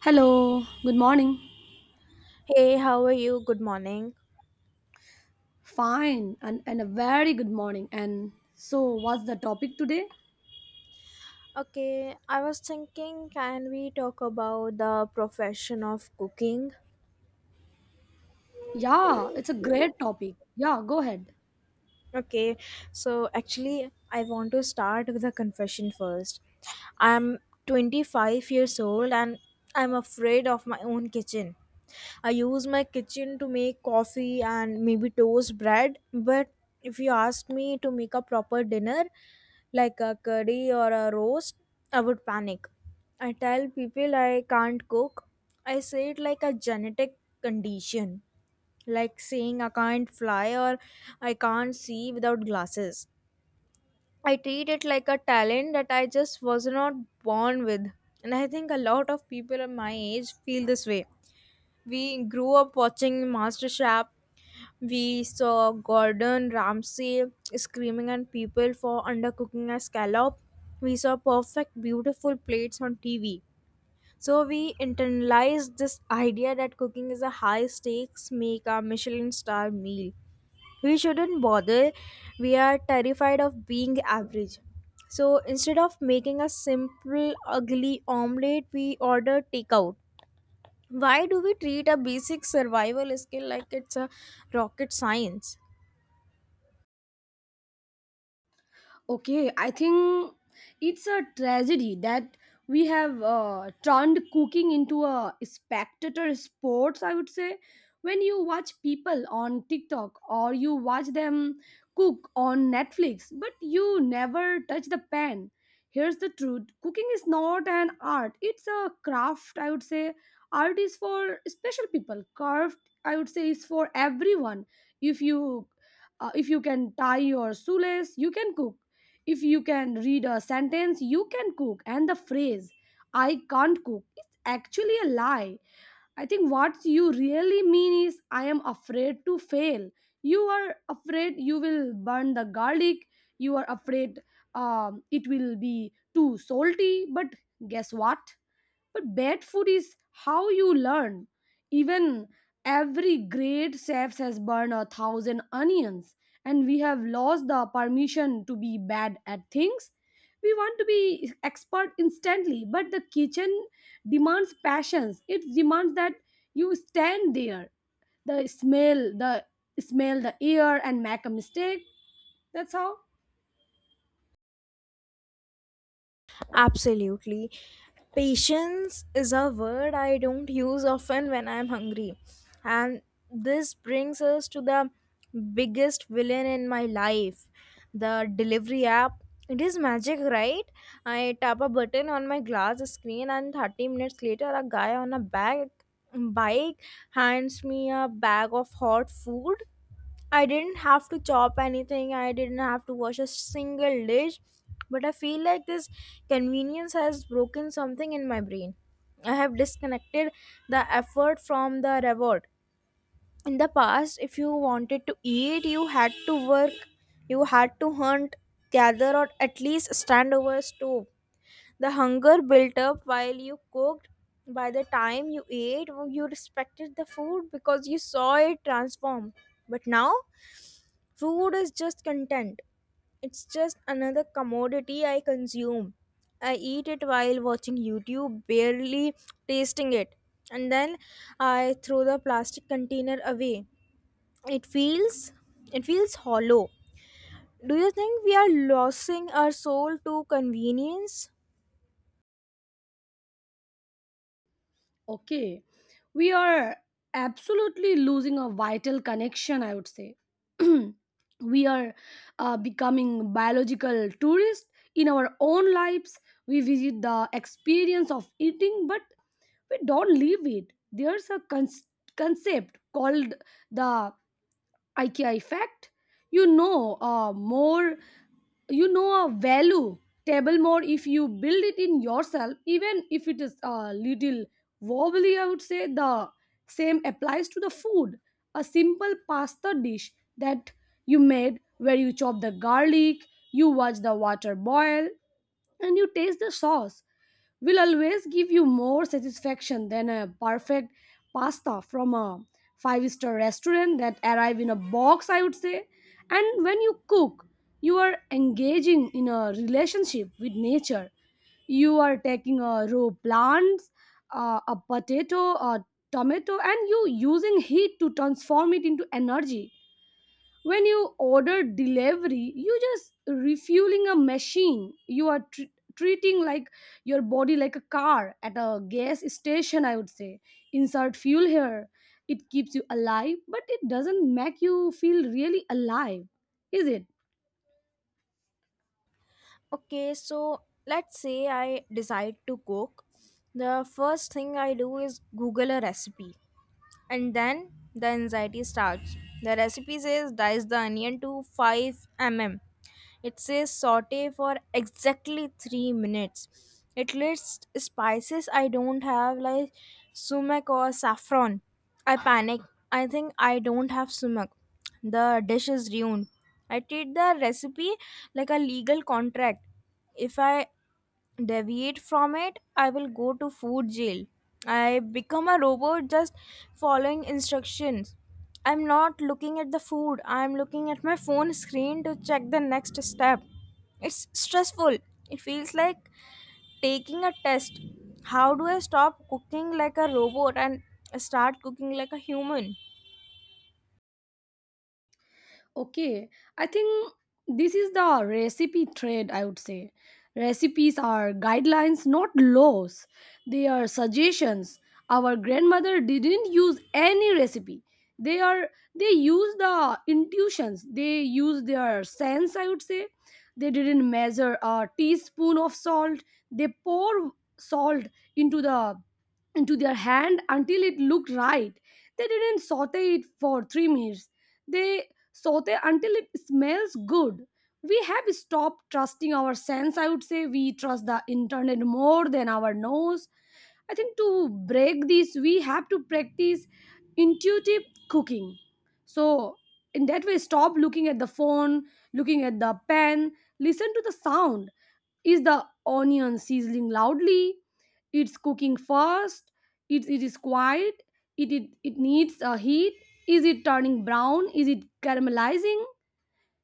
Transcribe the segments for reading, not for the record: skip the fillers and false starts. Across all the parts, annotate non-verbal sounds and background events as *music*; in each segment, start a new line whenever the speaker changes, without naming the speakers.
Hello, good morning.
Hey, how are you? Good morning.
Fine, and a very good morning. And so, what's the topic today?
Okay, I was thinking, can we talk about the profession of cooking?
Yeah, it's a great topic. Yeah, go ahead.
Okay, so actually, I want to start with a confession first. I'm 25 years old and I'm afraid of my own kitchen. I use my kitchen to make coffee and maybe toast bread, but if you ask me to make a proper dinner, like a curry or a roast, I would panic. I tell people I can't cook. I say it like a genetic condition like saying I can't fly or I can't see without glasses. I treat it like a talent that I just was not born with. And I think a lot of people of my age feel this way. We grew up watching MasterChef. We saw Gordon Ramsay screaming at people for undercooking a scallop. We saw perfect, beautiful plates on TV. So we internalized this idea that cooking is a high stakes, make a Michelin star meal we shouldn't bother. We are terrified of being average. So instead of making a simple, ugly omelette, we order takeout. Why do we treat a basic survival skill like it's a rocket science?
Okay, I think it's a tragedy that we have turned cooking into a spectator sports, I would say. When you watch people on TikTok or you watch them cook on Netflix, but you never touch the pan. Here's the truth, cooking is not an art, it's a craft, I would say. Art is for special people, craft, I would say, is for everyone. If you if you can tie your shoelace, you can cook. If you can read a sentence, you can cook. And the phrase I can't cook is actually a lie. I think what you really mean is I am afraid to fail. You are afraid you will burn the garlic. You are afraid it will be too salty, but guess what, but bad food is how you learn. Even every great chef has burned a thousand onions, and we have lost the permission to be bad at things. We want to be expert instantly, but the kitchen demands passions. It demands that you stand there, the smell the air, and make a mistake. That's how.
Absolutely. Patience is a word I don't use often when I'm hungry. And this brings us to the biggest villain in my life the delivery app. It is magic, right? I tap a button on my glass screen, and 30 minutes later, a guy on a bike hands me a bag of hot food. I didn't have to chop anything, I didn't have to wash a single dish, but I feel like this convenience has broken something in my brain. I have disconnected the effort from the reward. In the past, if you wanted to eat, you had to work, you had to hunt, gather, or at least stand over a stove. The hunger built up while you cooked. By the time you ate, you respected the food because you saw it transform. But now, food is just content. It's just another commodity I consume. I eat it while watching YouTube, barely tasting it. And then I throw the plastic container away. It feels it feels hollow. Do you think we are losing our soul to convenience?
Okay, we are absolutely losing a vital connection, I would say. *clears throat* We are becoming biological tourists in our own lives. We visit the experience of eating, but we don't live it. Concept called the IKEA effect. You know, you know, a value table more if you build it in yourself, even if it is a little wobbly. I would say the same applies to the food. A simple pasta dish that you made, where you chop the garlic, you watch the water boil, and you taste the sauce, will always give you more satisfaction than a perfect pasta from a five-star restaurant that arrive in a box, I would say. And when you cook, you are engaging in a relationship with nature. You are taking a raw plants, a potato, a tomato, and you using heat to transform it into energy. When you order delivery, you just refueling a machine. Treating like your body like a car at a gas station, I would say. Insert fuel here. It keeps you alive, but it doesn't make you feel really alive. Is it?
Okay, so let's say I decide to cook. The first thing I do is Google a recipe. And then the anxiety starts. The recipe says dice the onion to 5 mm. It says saute for exactly 3 minutes. It lists spices I don't have like sumac or saffron. I panic. I think I don't have sumac. The dish is ruined. I treat the recipe like a legal contract. If I deviate from it, I will go to food jail. I become a robot just following instructions. I'm not looking at the food, I'm looking at my phone screen to check the next step. It's stressful. It feels like taking a test. How do I stop cooking like a robot and start cooking like a human?
Okay, I think this is the recipe trade, I would say. Recipes are guidelines, not laws. They are suggestions. Our grandmother didn't use any recipe. They are they use the intuitions. They use their sense, I would say. They didn't measure a teaspoon of salt. They pour salt into the into their hand until it looked right. They didn't saute it for 3 minutes. They saute until it smells good. We have stopped trusting our sense, I would say. We trust the internet more than our nose. I think to break this, we have to practice intuitive cooking. So, in that way, stop looking at the phone, looking at the pen, listen to the sound. Is the onion sizzling loudly? It's cooking fast. It is quiet. It needs a heat. Is it turning brown? Is it caramelizing?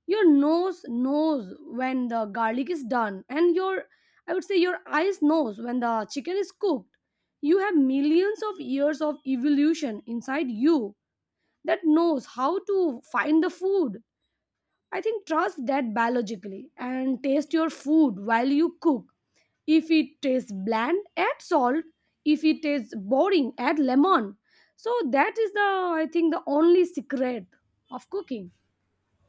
Your nose knows when the garlic is done, and your I would say your eyes knows when the chicken is cooked. You have millions of years of evolution inside you that knows how to find the food. I think trust that biologically and taste your food while you cook. If it tastes bland, add salt. If it tastes boring, add lemon. So that is the I think the only secret of cooking.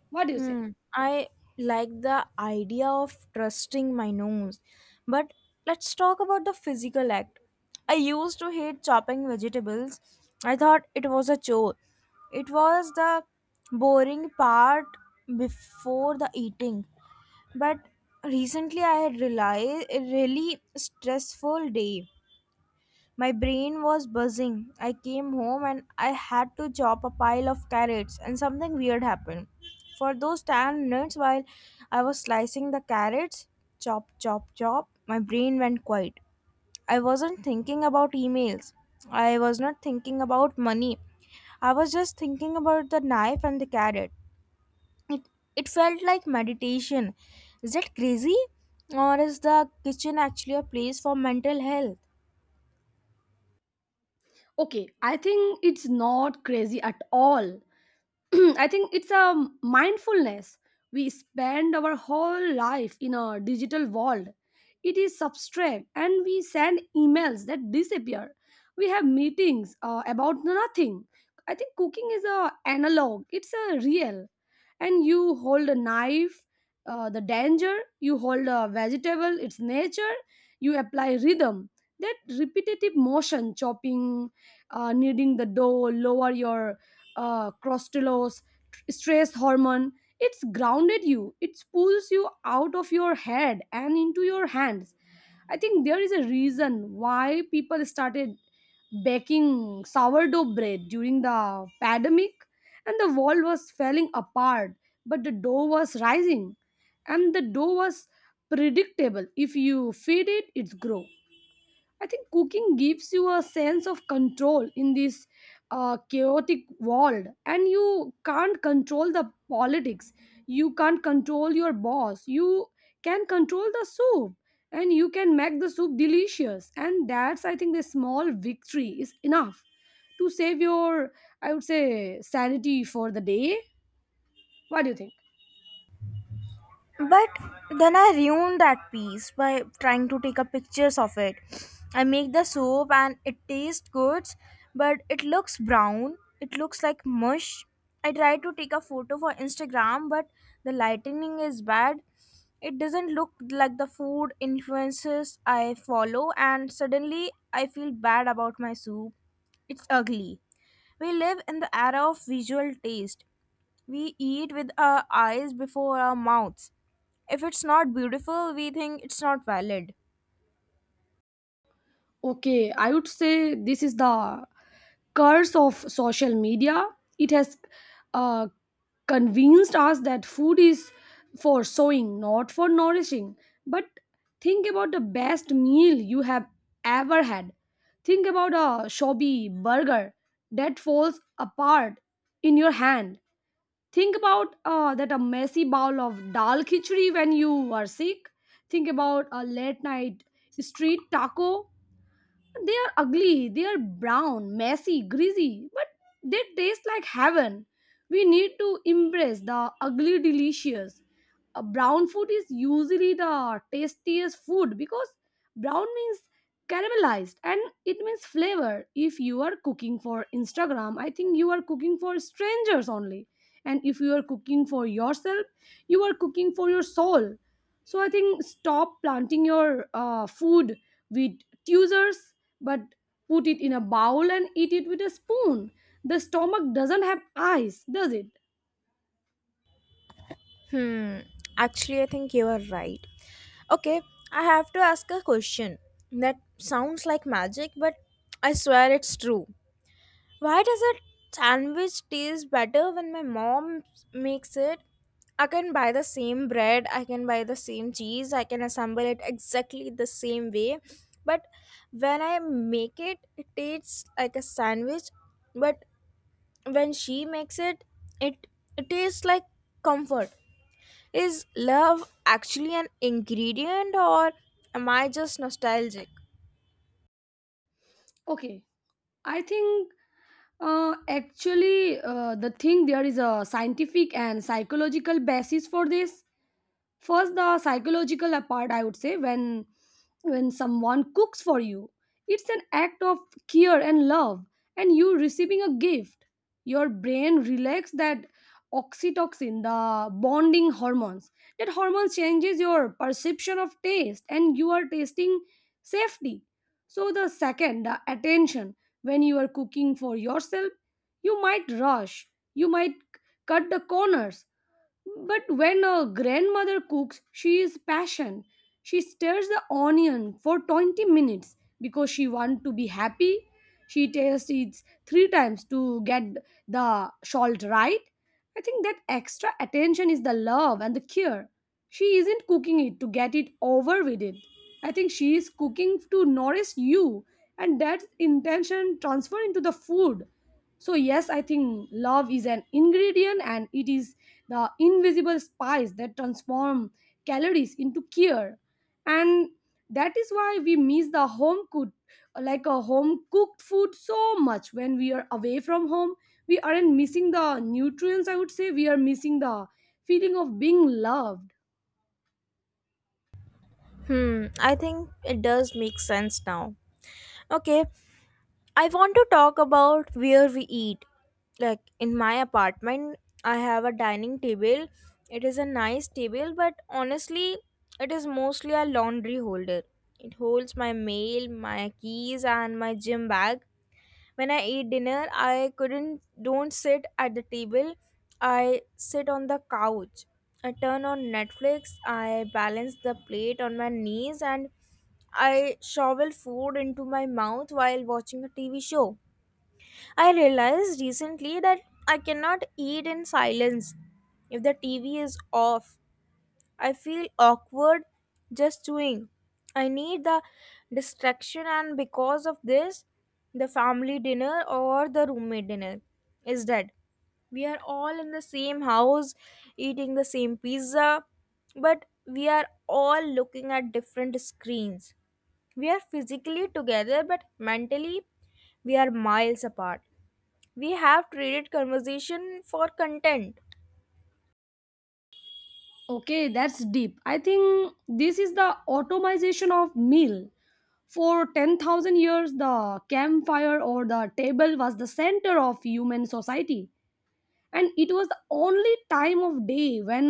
What do you say?
Hmm. I like the idea of trusting my nose. But let's talk about the physical act. I used to hate chopping vegetables. I thought it was a chore. It was the boring part before the eating. But recently I had realized a really stressful day. My brain was buzzing. I came home and I had to chop a pile of carrots, and something weird happened. For those 10 minutes while I was slicing the carrots, chop, chop, chop, my brain went quiet. I wasn't thinking about emails, I was not thinking about money. I was just thinking about the knife and the carrot. It, it felt like meditation. Is that crazy? Or is the kitchen actually a place for mental health?
Okay, I think it's not crazy at all. *clears throat* I think it's a mindfulness. We spend our whole life in a digital world. It is substract and we send emails that disappear. We have meetings about nothing. I think cooking is a analog, it's a real. And you hold a knife, the danger. You hold a vegetable, its nature. You apply rhythm. That repetitive motion, chopping, kneading the dough, lower your crostalos, stress hormone. It's grounded you. It pulls you out of your head and into your hands. I think there is a reason why people started baking sourdough bread during the pandemic, and the world was falling apart, but the dough was rising, and the dough was predictable. If you feed it, it's grow. I think cooking gives you a sense of control in this chaotic world, and you can't control the politics. You can't control your boss. You can control the soup, and you can make the soup delicious. And that's, I think, the small victory is enough to save your, I would say, sanity for the day. What do you think?
But then I ruined that piece by trying to take a pictures of it. I make the soap and it tastes good, but it looks brown. It looks like mush. I try to take a photo for Instagram, but the lighting is bad. It doesn't look like the food influences I follow, and suddenly I feel bad about my soup. It's ugly. We live in the era of visual taste. We eat with our eyes before our mouths. If it's not beautiful, we think it's not valid.
Okay, I would say this is the curse of social media. It has uh, convinced us that food is for sowing, not for nourishing. But think about the best meal you have ever had. Think about a shabby burger that falls apart in your hand. Think about that a messy bowl of dal khichdi when you are sick. Think about a late night street taco. They are ugly, they are brown, messy, greasy, but they taste like heaven. We need to embrace the ugly delicious. Brown food is usually the tastiest food because brown means caramelized and it means flavor. If you are cooking for Instagram, I think you are cooking for strangers only. And if you are cooking for yourself, you are cooking for your soul. So I think stop planting your food with tweezers, but put it in a bowl and eat it with a spoon. The stomach doesn't have eyes, does it?
Hmm. Actually, I think you are right. Okay, I have to ask a question that sounds like magic, but I swear it's true. Why does a sandwich taste better when my mom makes it? I can buy the same bread, I can buy the same cheese, I can assemble it exactly the same way. But when I make it, it tastes like a sandwich, but when she makes it, it it tastes like comfort. Is love actually an ingredient or am I just nostalgic?
Okay, I think actually the thing there is a scientific and psychological basis for this. First, the psychological part, I would say, when someone cooks for you, it's an act of care and love, and you receiving a gift. Your brain relax, that oxytocin, the bonding hormones, that hormone changes your perception of taste and you are tasting safety. So the second, the attention. When you are cooking for yourself, you might rush, you might cut the corners. But when a grandmother cooks, she is passion. She stirs the onion for 20 minutes because she wants to be happy. She tastes it three times to get the salt right. I think that extra attention is the love and the care. She isn't cooking it to get it over with it. I think she is cooking to nourish you, and that intention transfer into the food. So yes, I think love is an ingredient and it is the invisible spice that transform calories into care. And that is why we miss the home cooked like a home cooked food so much when we are away from home. We aren't missing the nutrients, I would say. We are missing the feeling of being loved.
Hmm, I think it does make sense now. Okay, I want to talk about where we eat. Like in my apartment, I have a dining table. It is a nice table, but honestly, it is mostly a laundry holder. It holds my mail, my keys, and my gym bag. When I eat dinner, I couldn't don't sit at the table. I sit on the couch. I turn on Netflix. I balance the plate on my knees and I shovel food into my mouth while watching a TV show. I realized recently that I cannot eat in silence if the TV is off. I feel awkward just doing. I need the distraction, and because of this, the family dinner or the roommate dinner is dead. We are all in the same house eating the same pizza, but we are all looking at different screens. We are physically together, but mentally, we are miles apart. We have traded conversation for content.
Okay, that's deep. I think this is the automation of meal. For 10,000 years, the campfire or the table was the center of human society, and it was the only time of day when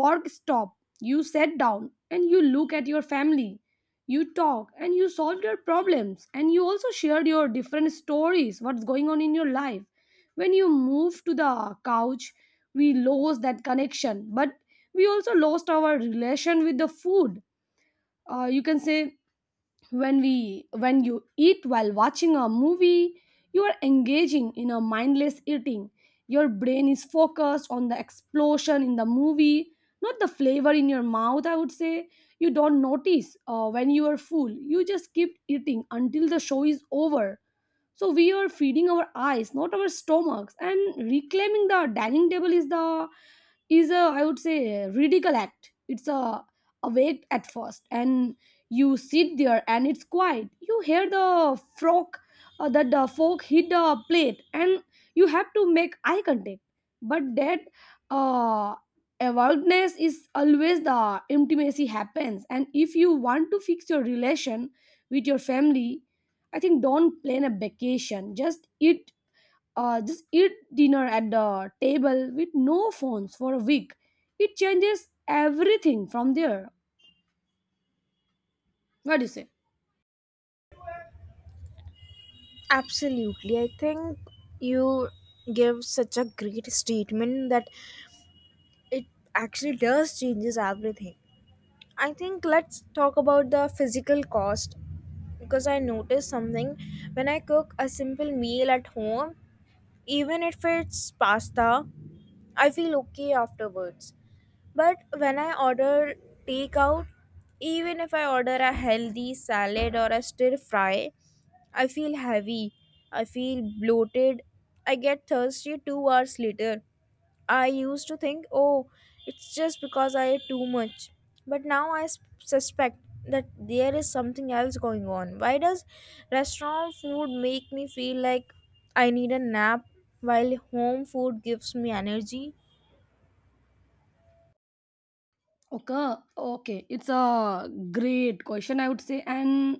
work stopped. You sat down and you look at your family, you talk and you solved your problems, and you also shared your different stories, what's going on in your life. When you moved to the couch, we lost that connection, but we also lost our relation with the food. You can say when you eat while watching a movie, you are engaging in a mindless eating. Your brain is focused on the explosion in the movie, not the flavor in your mouth, I would say. You don't notice when you are full, you just keep eating until the show is over. So we are feeding our eyes, not our stomachs. And reclaiming the dining table is the is a, I would say, a ridicule act. It's a awake at first, and you sit there and it's quiet, you hear the frog, that the fork hit the plate, and you have to make eye contact. But that uh awareness is always the intimacy happens. And if you want to fix your relation with your family, I think don't plan a vacation, just eat dinner at the table with no phones for a week. It changes everything from there. What do you say?
Absolutely. I think you give such a great statement that it actually does changes everything. I think let's talk about the physical cost because I noticed something. When I cook a simple meal at home, even if it's pasta, I feel okay afterwards. But when I order takeout, even if I order a healthy salad or a stir fry, I feel heavy. I feel bloated. I get thirsty 2 hours later. I used to think, oh, it's just because I ate too much. But now I suspect that there is something else going on. Why does restaurant food make me feel like I need a nap while home food gives me energy?
Okay, okay, it's a great question, I would say, and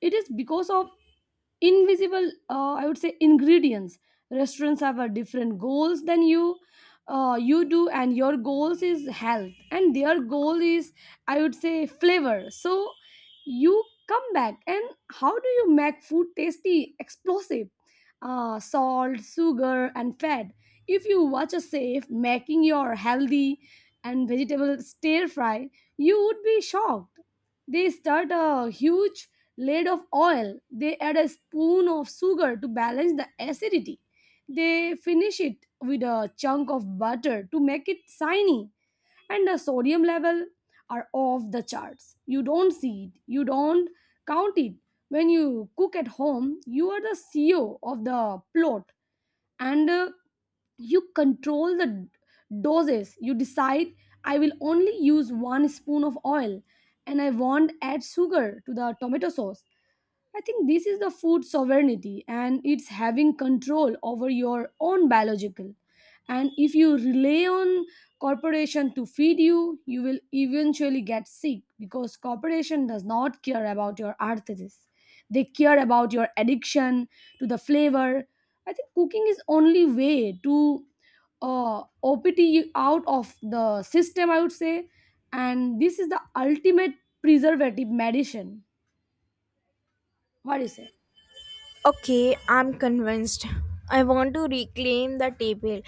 it is because of invisible, I would say, ingredients. Restaurants have a different goals than you do, and your goals is health, and their goal is, I would say, flavor. So you come back, and how do you make food tasty, explosive? Salt, sugar, and fat. If you watch a safe making your healthy and vegetable stir fry, you would be shocked. They start a huge lid of oil. They add a spoon of sugar to balance the acidity. They finish it with a chunk of butter to make it shiny. And the sodium level are off the charts. You don't see it. You don't count it. When you cook at home, you are the CEO of the plot and you control the doses. You decide, I will only use one spoon of oil and I won't add sugar to the tomato sauce. I think this is the food sovereignty and it's having control over your own biological. And if you rely on corporation to feed you, you will eventually get sick because corporation does not care about your arthritis. They care about your addiction to the flavor. I think cooking is only way to OPT out of the system, I would say. And this is the ultimate preservative medicine. What do you say?
Okay, I'm convinced. I want to reclaim the table.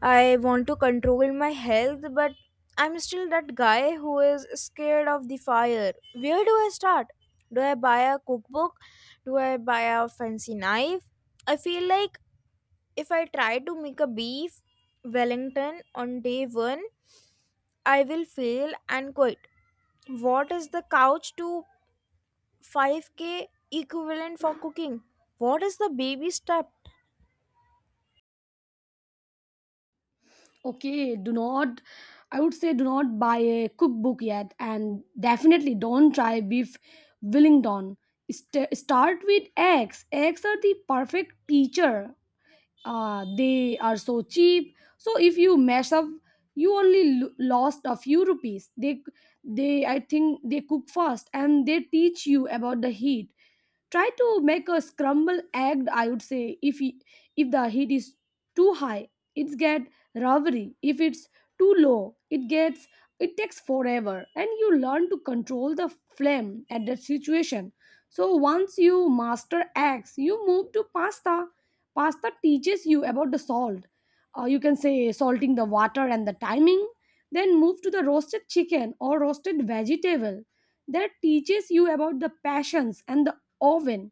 I want to control my health, but I'm still that guy who is scared of the fire. Where do I start? Do I buy a cookbook? Do I buy a fancy knife? I feel like if I try to make a beef Wellington on day one, I will fail and quit. What is the couch to 5K equivalent for cooking? What is the baby step?
Okay, do not, I would say, do not buy a cookbook yet, and definitely don't try beef wellington. Start with eggs. Eggs are the perfect teacher. They are so cheap, so if you mess up you only lost a few rupees. They I think they cook fast and they teach you about the heat. Try to make a scramble egg, I would say. if he- if the heat is too high, it get rubbery. If it's too low, it gets, it takes forever, and you learn to control the flame at that situation. So once you master eggs you move to pasta. Pasta teaches you about the salt. You can say salting the water and the timing. Then move to the roasted chicken or roasted vegetable. That teaches you about the passions and the oven.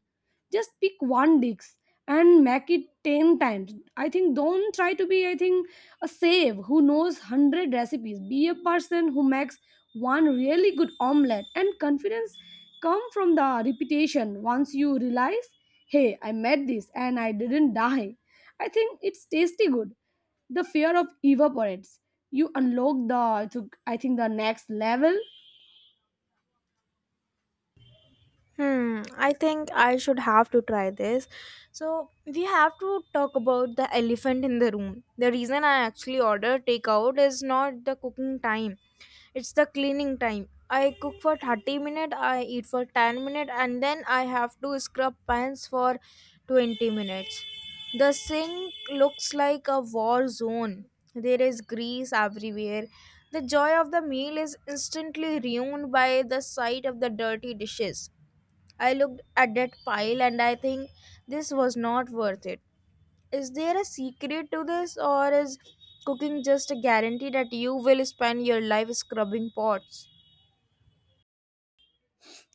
Just pick one dish and make it 10 times. I think don't try to be, I think, a save who knows 100 recipes. Be a person who makes one really good omelette, and confidence come from the repetition. Once you realize, hey, I made this and I didn't die, I think it's tasty good, the fear of evaporates. You unlock the I think the next level.
Hmm, I think I should have to try this. So, we have to talk about the elephant in the room. The reason I actually order takeout is not the cooking time, it's the cleaning time. I cook for 30 minutes, I eat for 10 minutes, and then I have to scrub pans for 20 minutes. The sink looks like a war zone. There is grease everywhere. The joy of the meal is instantly ruined by the sight of the dirty dishes. I looked at that pile and I think this was not worth it. Is there a secret to this, or is cooking just a guarantee that you will spend your life scrubbing pots?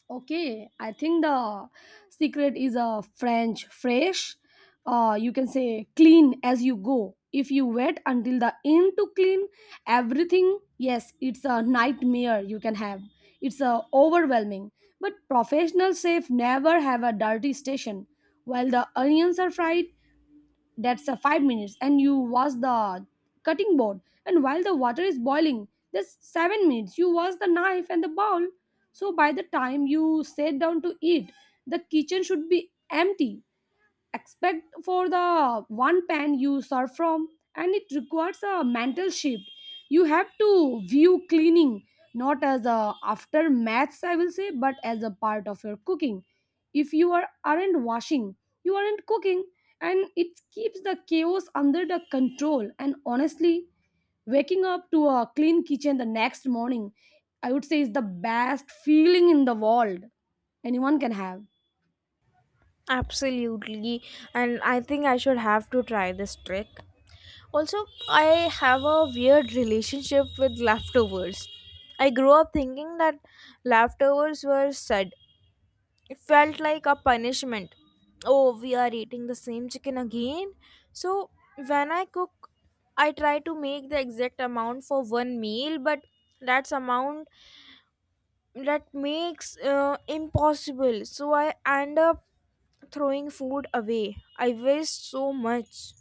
Okay, I think the secret is a French fresh. You can say clean as you go. If you wait until the end to clean everything, yes, it's a nightmare you can have. It's a overwhelming. But professional chef never have a dirty station. While the onions are fried, that's a 5 minutes and you wash the cutting board. And while the water is boiling, that's 7 minutes, you wash the knife and the bowl. So by the time you sit down to eat, the kitchen should be empty expect for the one pan you serve from. And it requires a mental shift. You have to view cleaning not as a aftermath, I will say, but as a part of your cooking. If you are aren't washing, you aren't cooking. And it keeps the chaos under the control, and honestly, waking up to a clean kitchen the next morning, I would say, is the best feeling in the world anyone can have.
Absolutely, and I think I should have to try this trick. Also, I have a weird relationship with leftovers. I grew up thinking that leftovers were sad. It felt like a punishment. Oh, we are eating the same chicken again. So, when I cook, I try to make the exact amount for one meal, but that's amount that makes impossible. So, I end up throwing food away. I waste so much.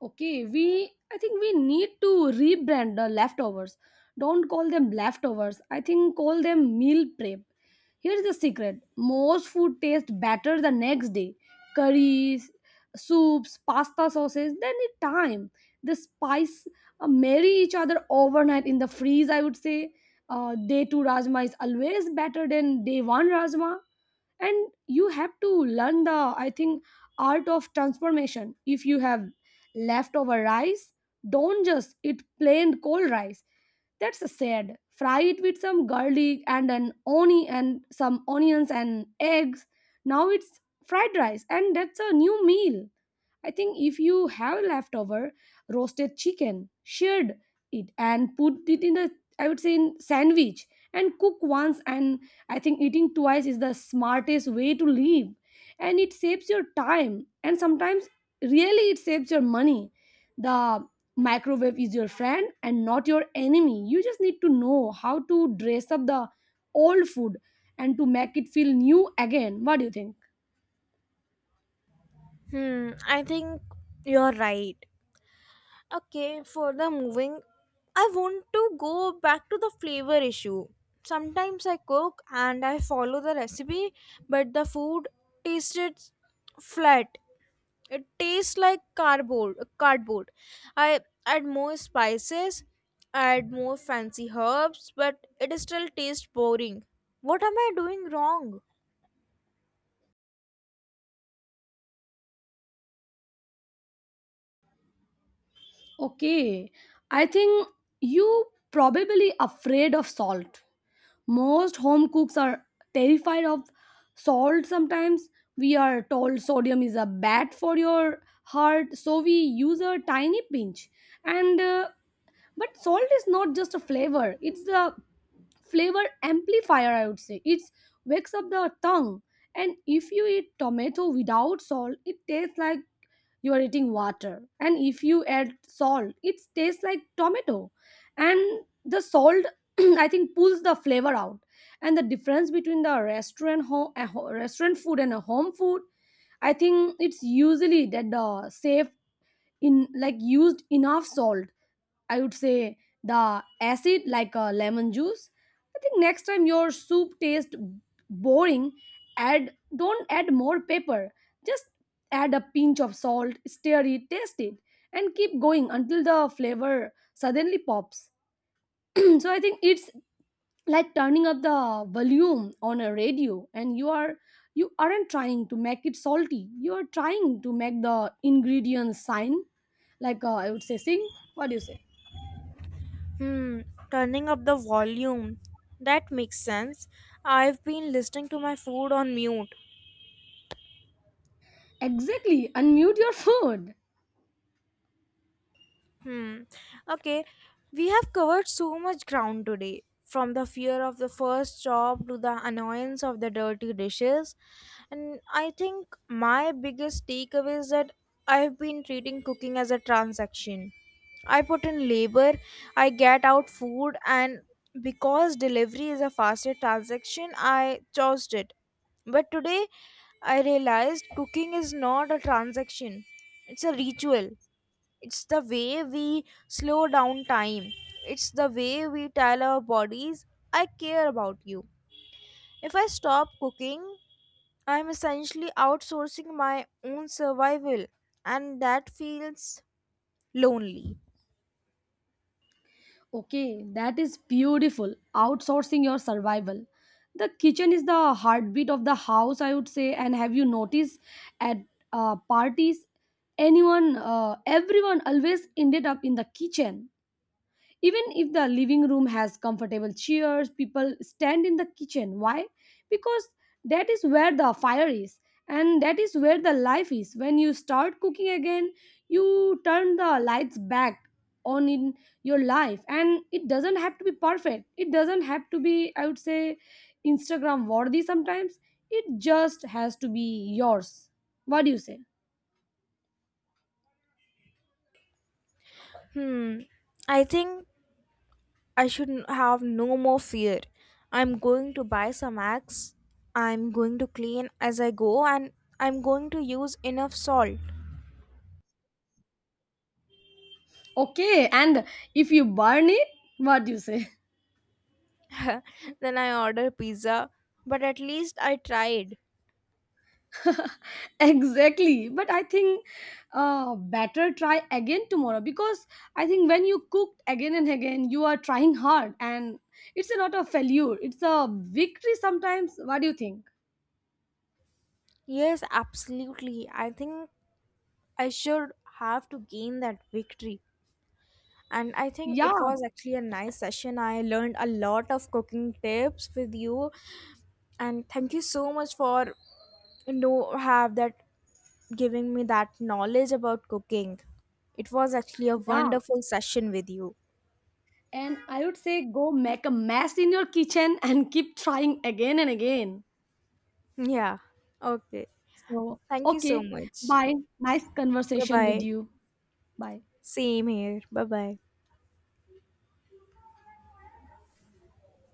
Okay, we I think we need to rebrand the leftovers. Don't call them leftovers. I think call them meal prep. Here's the secret. Most food tastes better the next day. Curries, soups, pasta sauces, they need time. The spice marry each other overnight in the freeze, I would say. Day two rajma is always better than day one rajma. And you have to learn the, I think, art of transformation. If you have leftover rice, don't just eat plain cold rice, that's sad. Fry it with some garlic and an onion and some onions and eggs. Now it's fried rice, and that's a new meal. I think if you have leftover roasted chicken, shred it and put it in a, I would say, in sandwich. And cook once and, I think, eating twice is the smartest way to live. And it saves your time, and sometimes really it saves your money. The microwave is your friend and not your enemy. You just need to know how to dress up the old food and to make it feel new again. What do you think?
Hmm, I think you're right. Okay, for the moving, I want to go back to the flavor issue. Sometimes I cook and I follow the recipe, but the food tasted flat. It tastes like cardboard. Cardboard. I add more spices, add more fancy herbs, but it still tastes boring. What am I doing wrong?
Okay, I think you probably afraid of salt. Most home cooks are terrified of salt sometimes. We are told sodium is a bad for your heart, so we use a tiny pinch. And but salt is not just a flavor, it's the flavor amplifier, I would say. It wakes up the tongue. And if you eat tomato without salt, it tastes like you are eating water. And if you add salt, it tastes like tomato. And the salt *clears throat* I think pulls the flavor out. And the difference between the restaurant home restaurant food and a home food, I think it's usually that the chef in like used enough salt, I would say, the acid like a lemon juice. I think next time your soup tastes boring, add, don't add more pepper, just add a pinch of salt, stir it, taste it, and keep going until the flavor suddenly pops. *clears throat* So I think it's like turning up the volume on a radio. And you are, you aren't trying to make it salty, you are trying to make the ingredients sign, like I would say sing. What do you say?
Hmm, turning up the volume. That makes sense. I've been listening to my food on mute.
Exactly, unmute your food.
Hmm. Okay. We have covered so much ground today, from the fear of the first job to the annoyance of the dirty dishes. And I think my biggest takeaway is that I've been treating cooking as a transaction. I put in labor, I get out food, and because delivery is a faster transaction, I chose it. But today I realized cooking is not a transaction, it's a ritual. It's the way we slow down time. It's the way we tell our bodies I care about you. If I stop cooking, I'm essentially outsourcing my own survival, and that feels lonely.
Okay, that is beautiful, outsourcing your survival. The kitchen is the heartbeat of the house, I would say. And have you noticed at parties, anyone everyone always ended up in the kitchen? Even if the living room has comfortable chairs, people stand in the kitchen. Why? Because that is where the fire is and that is where the life is. When you start cooking again, you turn the lights back on in your life. And it doesn't have to be perfect. It doesn't have to be, I would say, Instagram worthy sometimes. It just has to be yours. What do you say?
Hmm, I think I should have no more fear. I'm going to buy some axe, I'm going to clean as I go, and I'm going to use enough salt.
Okay, and if you burn it, what do you say? *laughs*
*laughs* Then I order pizza, but at least I tried.
Exactly, but I think better try again tomorrow. Because I think when you cook again and again, you are trying hard, and it's not a failure, it's a victory sometimes. What do you think?
Yes, absolutely. I think I should have to gain that victory. And I think it
Yeah,
was actually a nice session. I learned a lot of cooking tips with you. And thank you so much for you know have that giving me that knowledge about cooking. It was actually a
yeah,
wonderful session with you.
and I would say go make a mess in your kitchen *laughs* and keep trying again and again.
Yeah. Okay.
So,
Thank you so
okay,
much.
bye. Nice
Bye
conversation with
bye.
you. Bye.
Same here. Bye bye.